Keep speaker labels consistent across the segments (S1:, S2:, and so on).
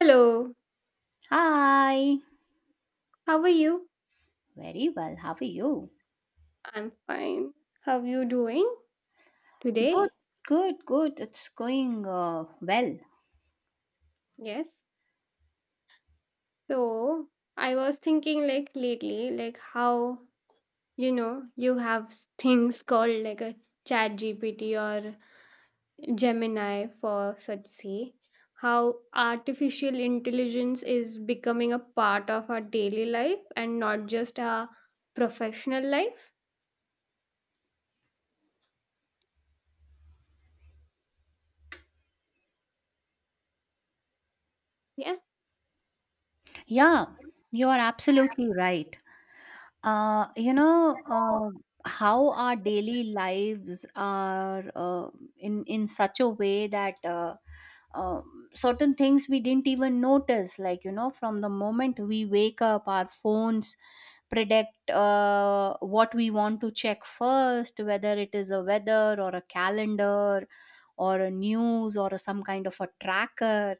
S1: Hello,
S2: Hi.
S1: how are you?
S2: Very well. How are you?
S1: I'm fine. How are you doing
S2: Good,
S1: today?
S2: good, good. It's going well.
S1: Yes. So, I was thinking like lately, like how you have things called like a chat GPT or Gemini for such say, how artificial intelligence is becoming a part of our daily life and not just our professional life. Yeah.
S2: Yeah, you are absolutely right. uh, you know uh, how our daily lives are in such a way that certain things we didn't even notice, like from the moment we wake up, our phones predict what we want to check first, whether it is a weather or a calendar or a news or some kind of a tracker.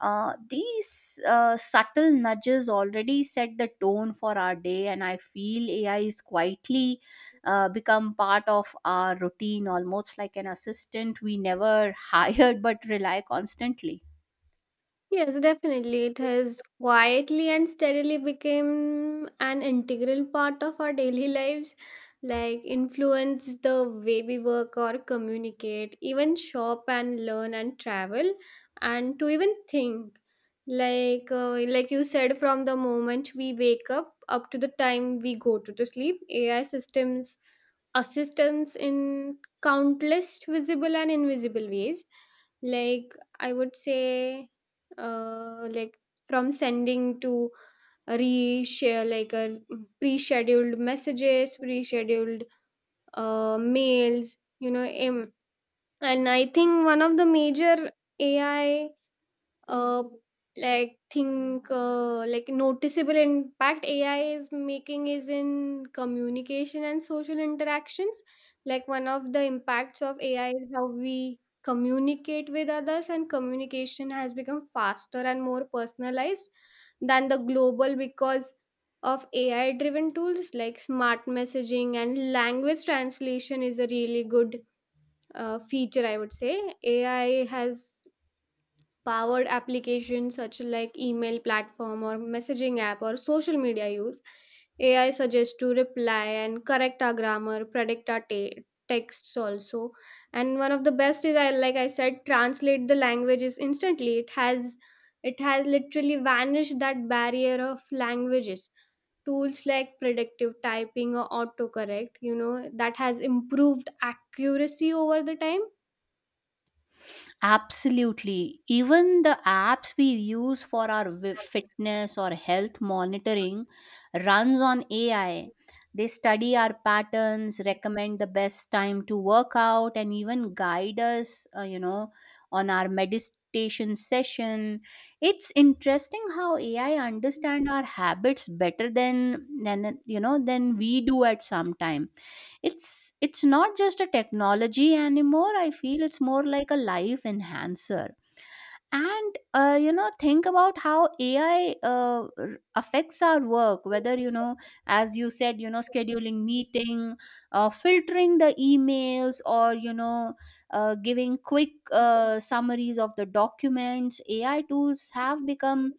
S2: These subtle nudges already set the tone for our day, and I feel AI is quietly become part of our routine, almost like an assistant we never hired but rely constantly.
S1: Yes, definitely. It has quietly and steadily become an integral part of our daily lives, like influence the way we work or communicate, even shop and learn and travel, and to even think. Like you said, from the moment we wake up up to the time we go to the sleep, AI systems assistance in countless visible and invisible ways. Like, I would say uh, like from sending to reshare like a pre-scheduled mails em- and I think one of the major AI, uh, like think like noticeable impact AI is making is in communication and social interactions, like one of the impacts of AI is how we communicate with others, and communication has become faster and more personalized than the global because of AI driven tools like smart messaging and language translation is a really good feature, I would say. AI has powered applications such like email platform or messaging app or social media, use AI suggests to reply and correct our grammar, predict our texts also. And one of the best is, I like I said, translate the languages instantly. It has literally vanished that barrier of languages. Tools like predictive typing or autocorrect, that has improved accuracy over the time.
S2: Absolutely. Even the apps we use for our fitness or health monitoring runs on AI. They study our patterns, recommend the best time to work out, and even guide us, on our meditation session. It's interesting how AI understand our habits better than you know than we do at some time. It's not just a technology anymore, I feel. It's more like a life enhancer. And think about how AI affects our work, whether as you said, scheduling meeting, filtering the emails, or giving quick summaries of the documents. AI tools have become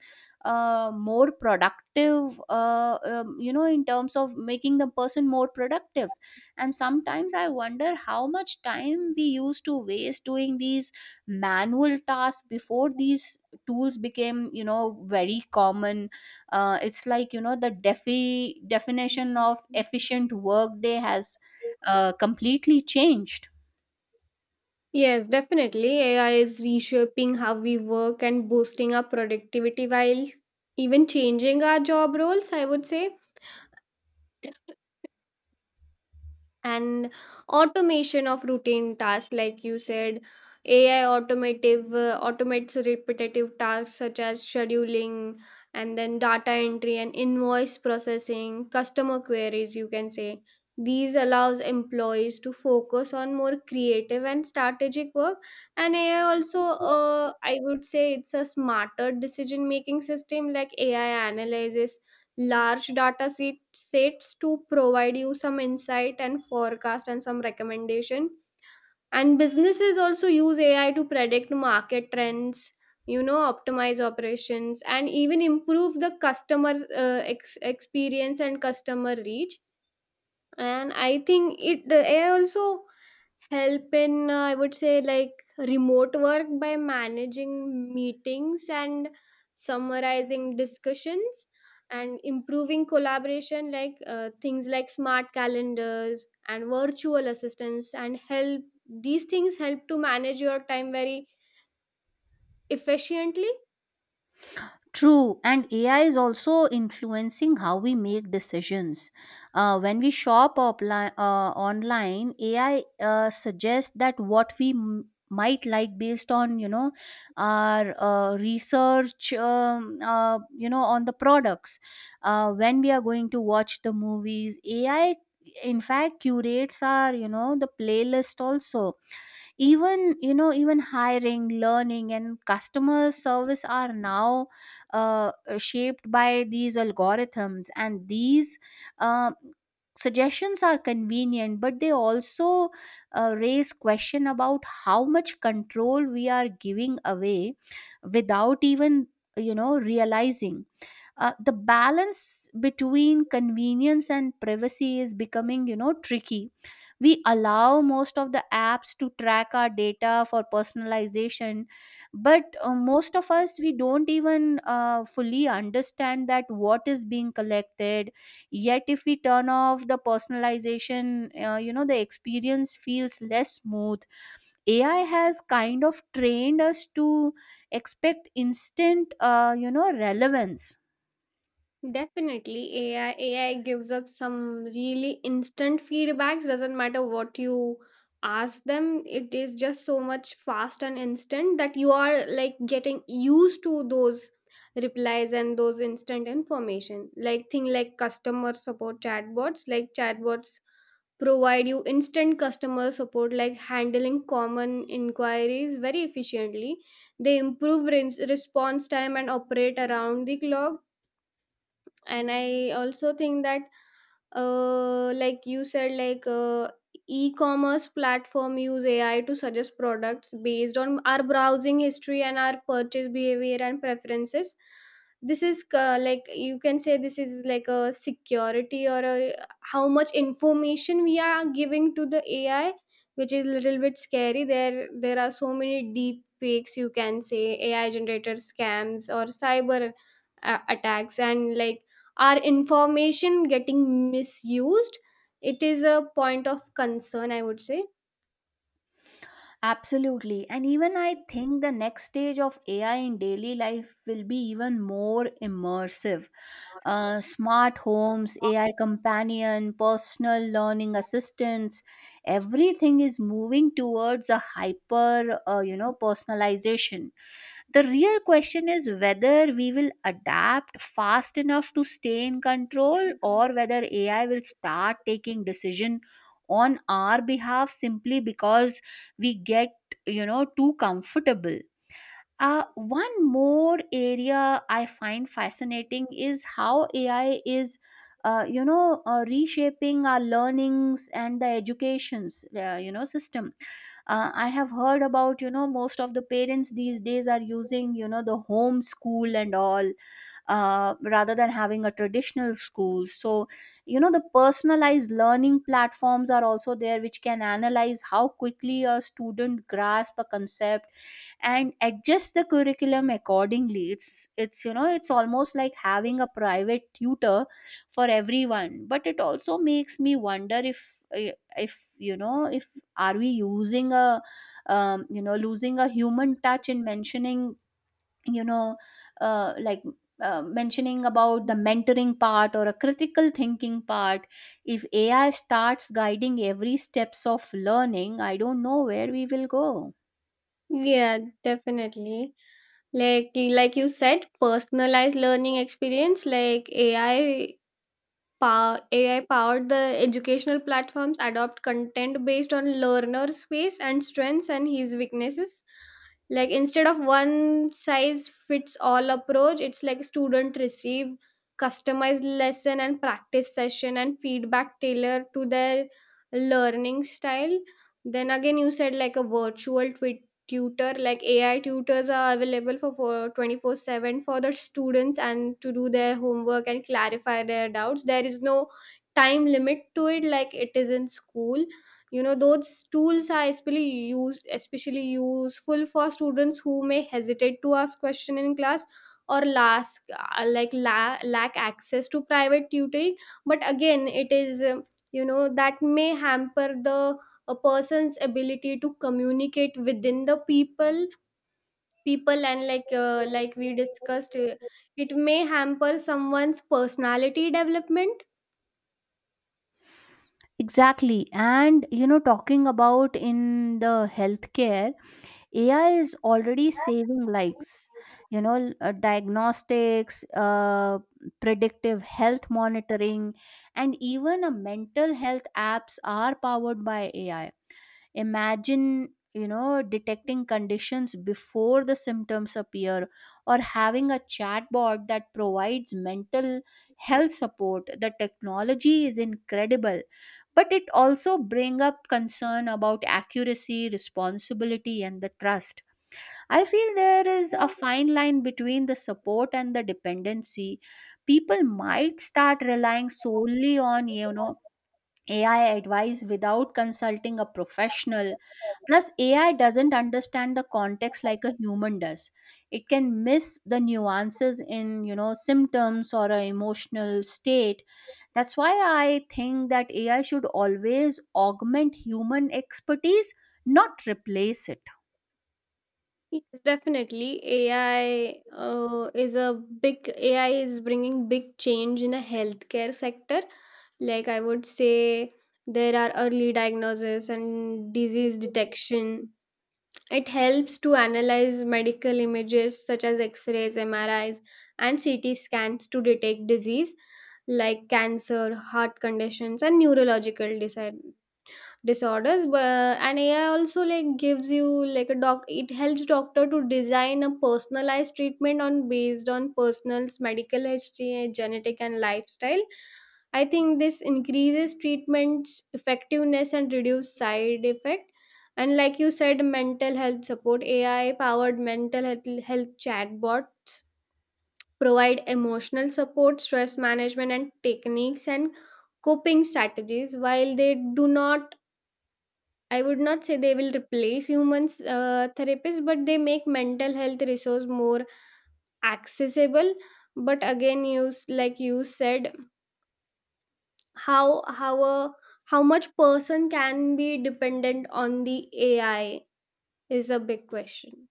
S2: more productive, in terms of making the person more productive. And sometimes I wonder how much time we used to waste doing these manual tasks before these tools became very common. It's like the definition of efficient workday has completely changed.
S1: Yes, definitely. AI is reshaping how we work and boosting our productivity while even changing our job roles, I would say. And automation of routine tasks, like you said, AI automative automates repetitive tasks such as scheduling and then data entry and invoice processing, customer queries, you can say. These allows employees to focus on more creative and strategic work. And AI also, I would say, it's a smarter decision making system. Like AI analyzes large data sets to provide you some insight and forecast and some recommendation. And businesses also use AI to predict market trends, you know, optimize operations and even improve the customer experience and customer reach. And I think it the AI also help in, I would say, like remote work by managing meetings and summarizing discussions and improving collaboration. Like things like smart calendars and virtual assistants and help, these things help to manage your time very efficiently.
S2: True, and AI is also influencing how we make decisions. When we shop online, AI suggests that what we might like based on our research, on the products. When we are going to watch the movies, AI in fact curates our, the playlist also. Even even hiring, learning and customer service are now uh, shaped by these algorithms, and these uh, suggestions are convenient, but they also raise question about how much control we are giving away without even realizing. The balance between convenience and privacy is becoming, tricky. We allow most of the apps to track our data for personalization, but most of us, we don't even fully understand that what is being collected. Yet if we turn off the personalization, the experience feels less smooth. AI has kind of trained us to expect instant, relevance.
S1: Definitely, AI AI gives us some really instant feedbacks. Doesn't matter what you ask them, it is just so much fast and instant that you are like getting used to those replies and those instant information. Like thing like customer support chatbots, like chatbots provide you instant customer support, like handling common inquiries very efficiently. They improve response time and operate around the clock. And I also think that, like you said, e-commerce platform use AI to suggest products based on our browsing history and our purchase behavior and preferences. This is, like you can say, this is like a security, or a, how much information we are giving to the AI, which is little bit scary. There are so many deep fakes, you can say, AI generated scams or cyber attacks. And like our information getting misused, it is a point of concern, I would say.
S2: Absolutely. And even I think the next stage of AI in daily life will be even more immersive. Smart homes, AI companion, personal learning assistants, everything is moving towards a hyper, personalization. The real question is whether we will adapt fast enough to stay in control, or whether AI will start taking decision on our behalf simply because we get, too comfortable. One more area I find fascinating is how AI is reshaping our learnings and the educations, system. I have heard about, most of the parents these days are using, the home school and all, rather than having a traditional school. So, the personalized learning platforms are also there, which can analyze how quickly a student grasp a concept and adjust the curriculum accordingly. It's almost like having a private tutor for everyone. But it also makes me wonder if are we using a, losing a human touch in mentioning, you know uh, like mentioning about the mentoring part or a critical thinking part. If AI starts guiding every steps of learning, I don't know where we will go.
S1: Yeah, definitely. Like like you said, personalized learning experience, like AI power, AI powered the educational platforms adopt content based on learner's face and strengths and his weaknesses. Like instead of one size fits all approach, it's like student receive customized lesson and practice session and feedback tailored to their learning style. Then again, you said like a virtual tutor, like AI tutors are available for 24/7 for the students and to do their homework and clarify their doubts. There is no time limit to it, like it is in school. You know, those tools are especially useful for students who may hesitate to ask question in class, or lack, lack access to private tutoring. But again, it is, that may hamper the a person's ability to communicate within the people, and like, like we discussed, it may hamper someone's personality development.
S2: Exactly. And talking about in the healthcare, AI is already saving likes, diagnostics, predictive health monitoring, and even a mental health apps are powered by AI. Imagine, detecting conditions before the symptoms appear, or having a chatbot that provides mental health support. The technology is incredible, but it also bring up concern about accuracy, responsibility and the trust. I feel there is a fine line between the support and the dependency. People might start relying solely on, AI advice without consulting a professional. Plus, AI doesn't understand the context like a human does. It can miss the nuances in, symptoms or an emotional state. That's why I think that AI should always augment human expertise, not replace it.
S1: Yes, definitely. AI, is a big AI is bringing big change in the healthcare sector. Like I would say, there are early diagnosis and disease detection. It helps to analyze medical images such as X-rays, MRIs, and CT scans to detect disease like cancer, heart conditions, and neurological disease disorders. But and AI also like gives you, like a doc it helps doctor to design a personalized treatment on based on person's medical history, genetic and lifestyle. I think this increases treatment's effectiveness and reduce side effect. And like you said, mental health support, AI powered health chatbots provide emotional support, stress management and techniques and coping strategies. While they do not, I would not say they will replace humans, therapists, but they make mental health resource more accessible. But again, you like you said, how how a how much person can be dependent on the AI is a big question.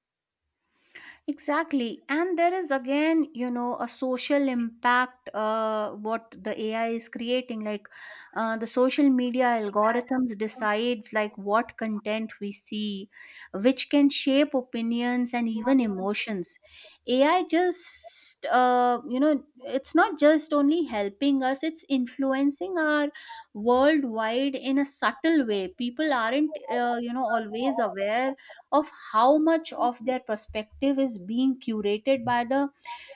S2: Exactly. And there is again, a social impact, what the AI is creating. Like, the social media algorithms decides like what content we see, which can shape opinions and even emotions. AI just, it's not just only helping us, it's influencing our worldwide in a subtle way. People aren't, always aware of how much of their perspective is being curated by the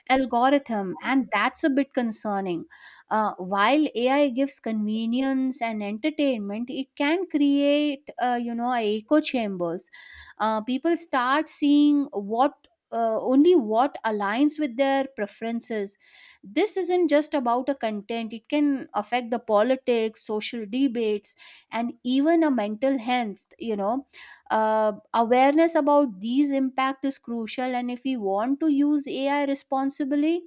S2: algorithm, and that's a bit concerning. While AI gives convenience and entertainment, it can create, echo chambers. People start seeing what only what aligns with their preferences. This isn't just about a content, it can affect the politics, social debates and even a mental health. Awareness about these impact is crucial, and if we want to use AI responsibly,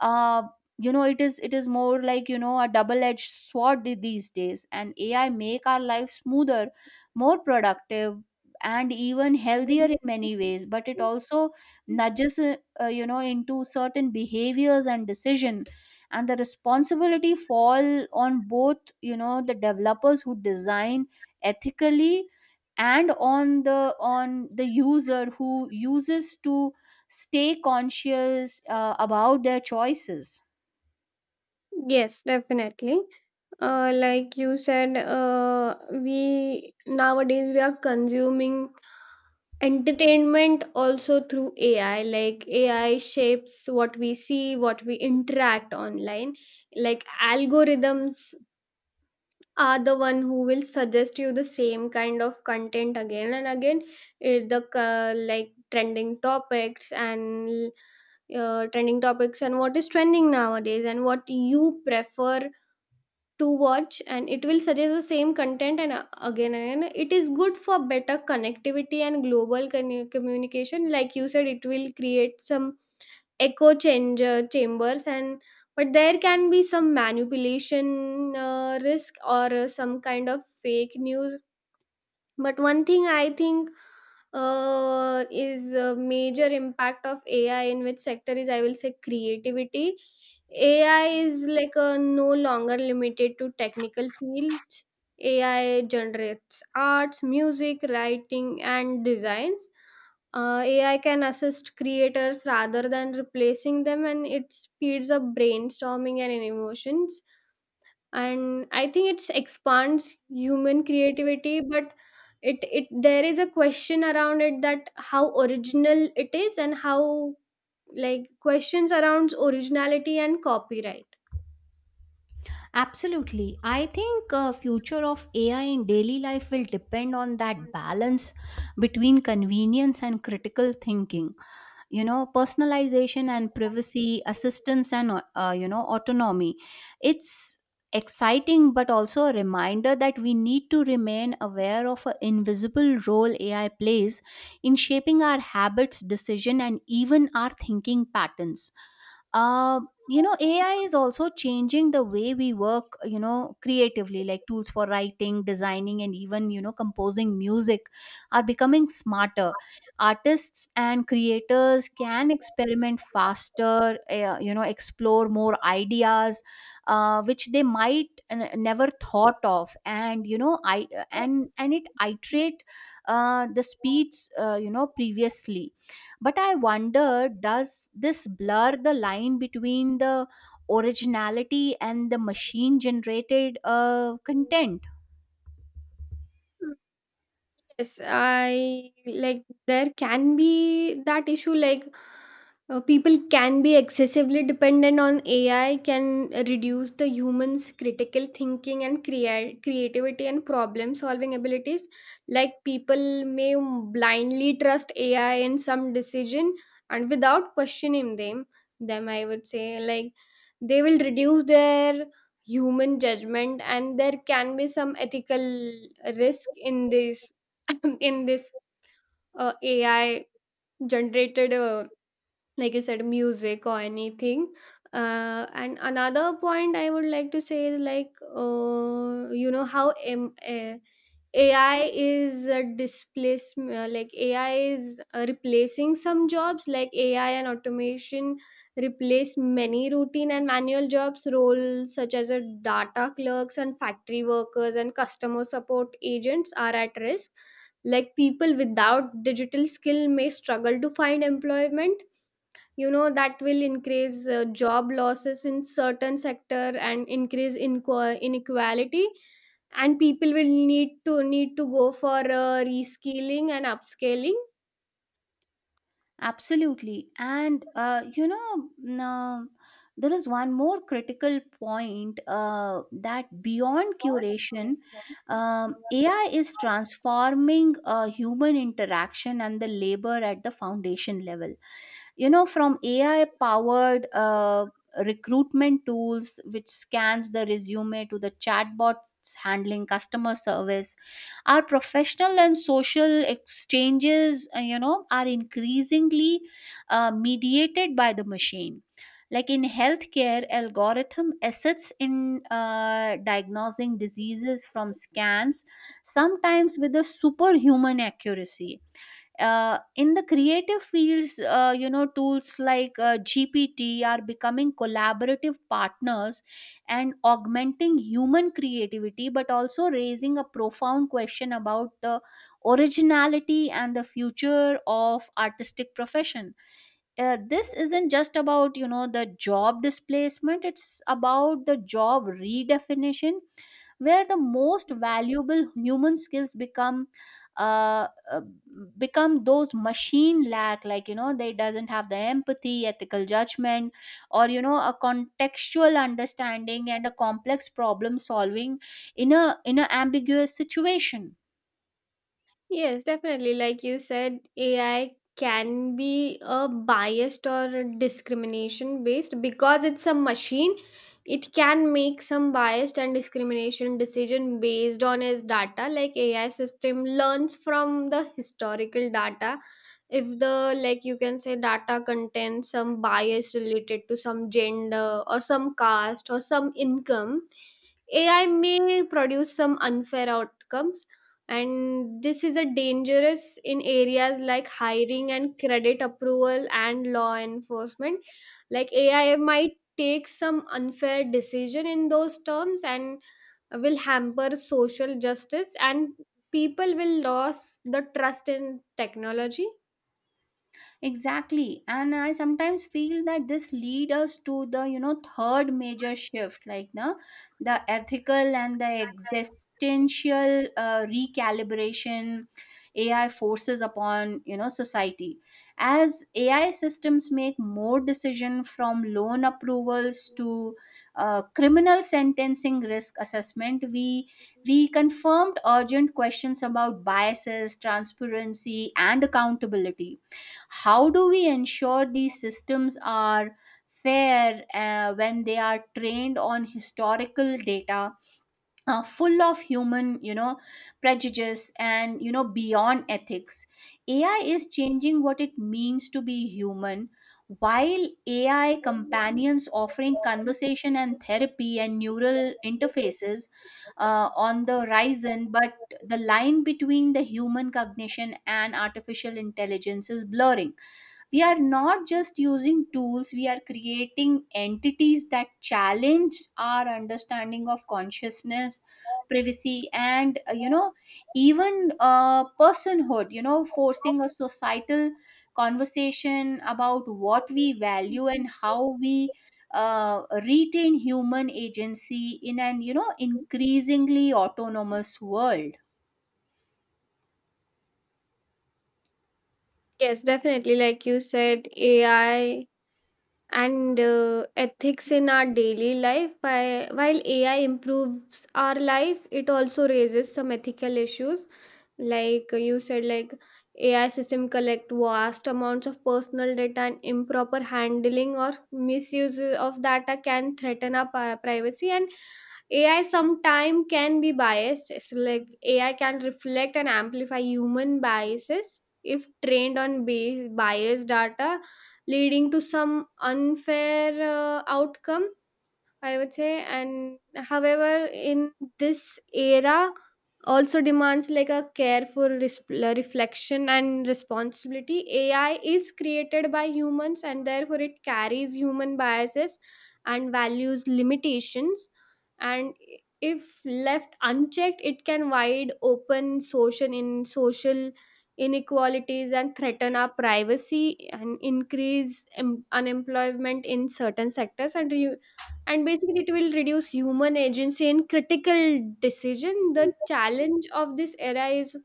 S2: uh, it is more like, a double edged sword, these days. And AI make our life smoother, more productive and even healthier in many ways, but it also nudges, into certain behaviors and decision. And the responsibility fall on both, the developers who design ethically, and on the user who uses to stay conscious about their choices.
S1: Yes, definitely. Like you said, we nowadays we are consuming entertainment also through AI. Like AI shapes what we see, what we interact online. Like algorithms are the one who will suggest you the same kind of content again and again. Eh, the like trending topics and, trending topics and what is trending nowadays and what you prefer to watch, and it will suggest the same content and, again and again. It is good for better connectivity and global communication. Like you said, it will create some echo change chambers. And but there can be some manipulation risk, or some kind of fake news. But one thing I think, is a major impact of AI, in which sector is, I will say, creativity. AI is like a no longer limited to technical fields. AI generates arts, music, writing, and designs. AI can assist creators rather than replacing them, and it speeds up brainstorming and emotions. And I think it expands human creativity. But it there is a question around it, that how original it is, and how, like, questions around originality and copyright.
S2: Absolutely. I think future of AI in daily life will depend on that balance between convenience and critical thinking. Personalization and privacy assistance, and autonomy. It's exciting, but also a reminder that we need to remain aware of an invisible role AI plays in shaping our habits, decision and even our thinking patterns. uh, AI is also changing the way we work, creatively, like tools for writing, designing and even, composing music are becoming smarter. Artists and creators can experiment faster, explore more ideas, which they might never thought of. And you know I and it iterate the speeds, previously. But I wonder, does this blur the line between the originality and the machine generated content?
S1: Yes, I, like, there can be that issue. Like, people can be excessively dependent on AI, can reduce the humans critical thinking and create creativity and problem solving abilities. Like people may blindly trust AI in some decision and without questioning them, I would say, like they will reduce their human judgment, and there can be some ethical risk in this, AI generated, like you said, music or anything. And another point I would like to say is like, AI is a displacement. Like AI is replacing some jobs. Like AI and automation replace many routine and manual jobs roles such as a data clerks and factory workers and customer support agents are at risk. Like people without digital skill may struggle to find employment. You know, that will increase job losses in certain sector and increase inequality, and people will need to go for reskilling and upscaling.
S2: Absolutely. And, now, there is one more critical point, that beyond curation, AI is transforming human interaction and the labor at the foundation level. From AI powered recruitment tools which scans the resume to the chatbots handling customer service, our professional and social exchanges are increasingly mediated by the machine. Like in healthcare, algorithm assists in diagnosing diseases from scans, sometimes with a superhuman accuracy. In the creative fields, tools like GPT are becoming collaborative partners and augmenting human creativity, but also raising a profound question about the originality and the future of artistic profession. This isn't just about, the job displacement, it's about the job redefinition, where the most valuable human skills uh, uh, become those machine lack. Like, they doesn't have the empathy, ethical judgment, or a contextual understanding and a complex problem solving in a ambiguous situation.
S1: Yes, definitely. Like you said, AI can be a biased or discrimination based because it's a machine. It can make some biased and discrimination decision based on its data. Like AI system learns from the historical data. If the, like you can say, data contains some bias related to some gender or some caste or some income, AI may produce some unfair outcomes. And this is a dangerous in areas like hiring and credit approval and law enforcement. Like AI might take some unfair decision in those terms, and will hamper social justice, and people will lose the trust in technology.
S2: Exactly. And I sometimes feel that this lead us to the, third major shift, like no, the ethical and the existential recalibration AI forces upon, society. As AI systems make more decision, from loan approvals to criminal sentencing risk assessment, we confirmed urgent questions about biases, transparency, and accountability. How do we ensure these systems are fair when they are trained on historical data, full of human, prejudice. And, beyond ethics, AI is changing what it means to be human. While AI companions offering conversation and therapy, and neural interfaces on the horizon, but the line between the human cognition and artificial intelligence is blurring. We are not just using tools, we are creating entities that challenge our understanding of consciousness, privacy and, even, personhood, forcing a societal conversation about what we value and how we uh, retain human agency in an, increasingly autonomous world.
S1: Yes, definitely. Like you said, AI and, ethics in our daily life. While AI improves our life, it also raises some ethical issues. Like you said, like AI system collect vast amounts of personal data, and improper handling or misuse of data can threaten our privacy. And AI sometime can be biased. It's like AI can reflect and amplify human biases if trained on base biased data, leading to some unfair outcome, I would say. And however, in this era, also demands like a careful reflection and responsibility. AI is created by humans, and therefore it carries human biases and values limitations. And if left unchecked, it can wide open social in social inequalities and threaten our privacy and increase unemployment in certain sectors, and and basically it will reduce human agency in critical decision. The challenge of this era is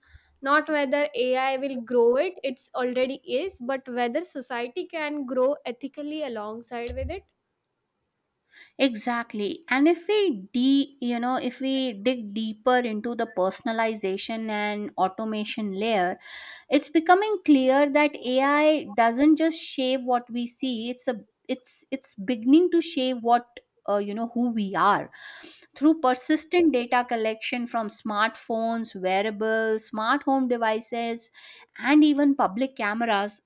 S1: not whether AI will grow, it's already is, but whether society can grow ethically alongside with it.
S2: Exactly. And if we de you know, if we dig deeper into the personalization and automation layer, it's becoming clear that AI doesn't just shape what we see, it's a it's it's beginning to shape what you know who we are through persistent data collection from smartphones, wearables, smart home devices, and even public cameras.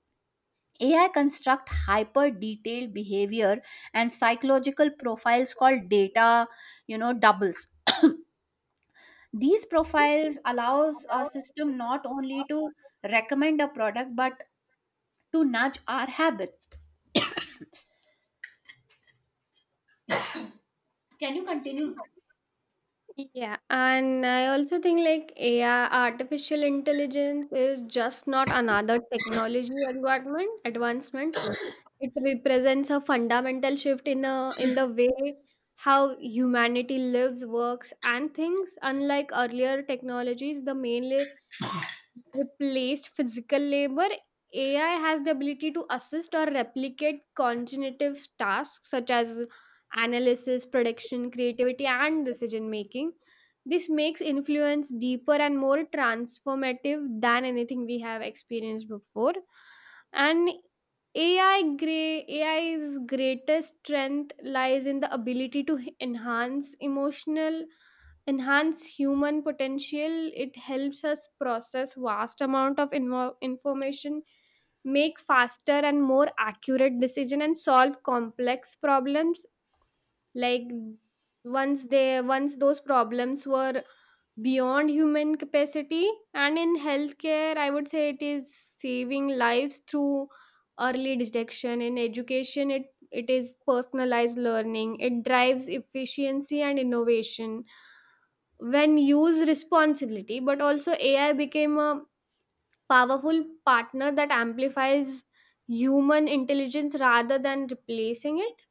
S2: AI construct hyper detailed behavior and psychological profiles called data, you know, doubles. These profiles allows a system not only to recommend a product but to nudge our habits. Can you continue?
S1: Yeah, and I also think like AI, artificial intelligence, is just not another technology advancement. It represents a fundamental shift in a in the way how humanity lives, works, and thinks. Unlike earlier technologies, the main replaced physical labor, AI has the ability to assist or replicate cognitive tasks such as analysis, prediction, creativity, and decision making. This makes influence deeper and more transformative than anything we have experienced before. And AI, AI's greatest strength lies in the ability to enhance human potential. It helps us process vast amount of information, make faster and more accurate decision and solve complex problems, like once those problems were beyond human capacity. And in healthcare, I would say, it is saving lives through early detection. In education, it is personalized learning. It drives efficiency and innovation when used responsibility. But also AI became a powerful partner that amplifies human intelligence rather than replacing it.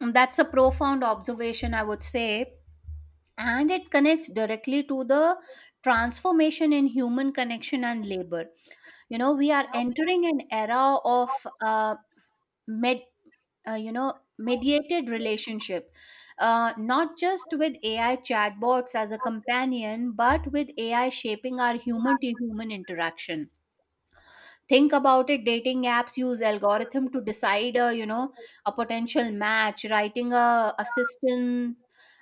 S2: That's a profound observation, I would say, and it connects directly to the transformation in human connection and labor. You know, we are entering an era of med- uh, you know mediated relationship, not just with ai chatbots as a companion but with ai shaping our human to human interaction. Think about it, dating apps use algorithm to decide, a potential match, writing a assistant,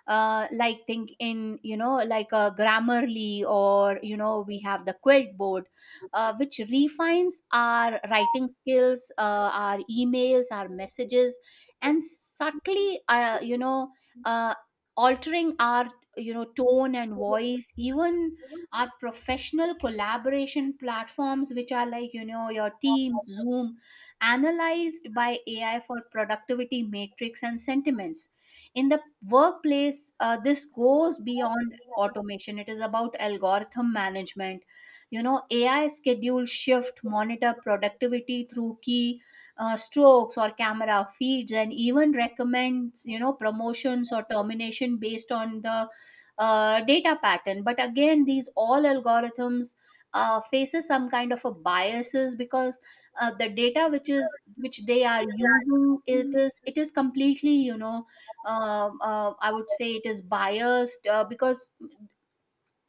S2: like think in you know like a grammarly, or you know we have the quilt board, which refines our writing skills, our emails, our messages, and subtly uh, altering our you know tone and voice even. Are professional collaboration platforms which are like you know your Teams, zoom, analyzed by ai for productivity metrics and sentiments in the workplace. This goes beyond automation, it is about algorithm management. You know, ai schedule shift monitor productivity through key strokes or camera feeds, and even recommends you know promotions or termination based on the data pattern. But again, these all algorithms faces some kind of a biases, because the data which is which they are using, it is completely you know, I would say it is biased, because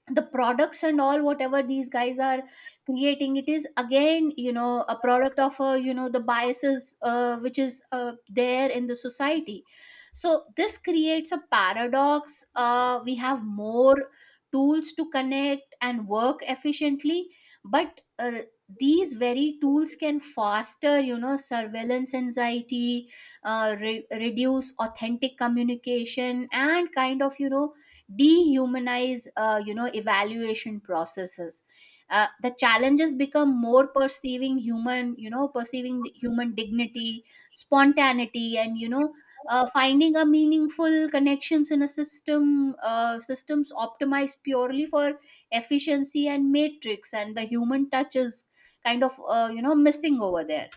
S2: the products and all whatever these guys are creating, it is again you know a product of the biases which is there in the society. So this creates a paradox. We have more tools to connect and work efficiently, but these very tools can foster you know surveillance anxiety, reduce authentic communication, and kind of you know dehumanize evaluation processes. The challenges become more perceiving human you know perceiving the human dignity, spontaneity, and finding a meaningful connections in a systems optimized purely for efficiency and matrix, and the human touch is kind of missing over there.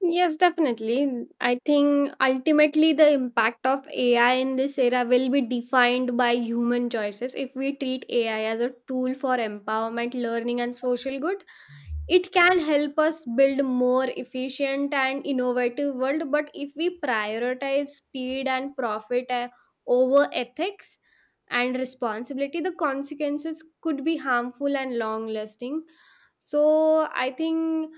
S1: Yes, definitely. I think ultimately the impact of AI in this era will be defined by human choices. If we treat AI as a tool for empowerment, learning, and social good, it can help us build more efficient and innovative world. But if we prioritize speed and profit, over ethics and responsibility, the consequences could be harmful and long lasting. So I think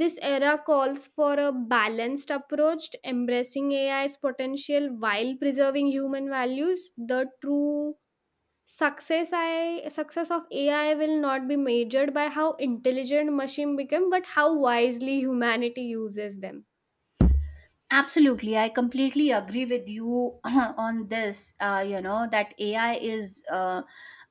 S1: this era calls for a balanced approach, embracing AI's potential while preserving human values. The true success, I success of AI will not be measured by how intelligent machine become, but how wisely humanity uses them.
S2: Absolutely, I completely agree with you on this. That AI is uh,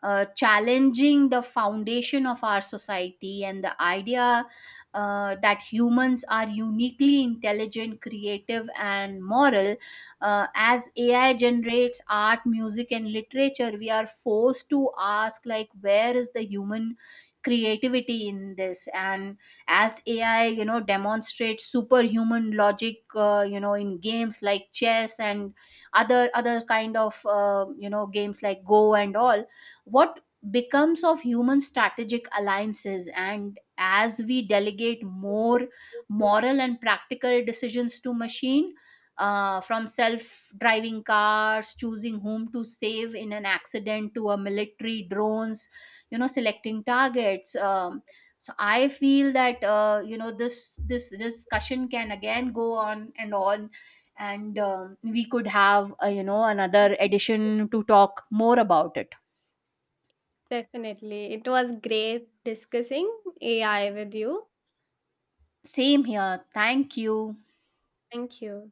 S2: uh, challenging the foundation of our society, and the idea that humans are uniquely intelligent, creative, and moral. As AI generates art, music, and literature, we are forced to ask, like, where is the human creativity in this? And as ai you know demonstrates superhuman logic, in games like chess and other kind of games like go and all, what becomes of human strategic alliances? And as we delegate more moral and practical decisions to machine, from self-driving cars choosing whom to save in an accident, to a military drones you know selecting targets. Um, so I feel that this discussion can again go on and on, and we could have another edition to talk more about it.
S1: Definitely, it was great discussing AI with you.
S2: Same here, thank you.
S1: Thank you.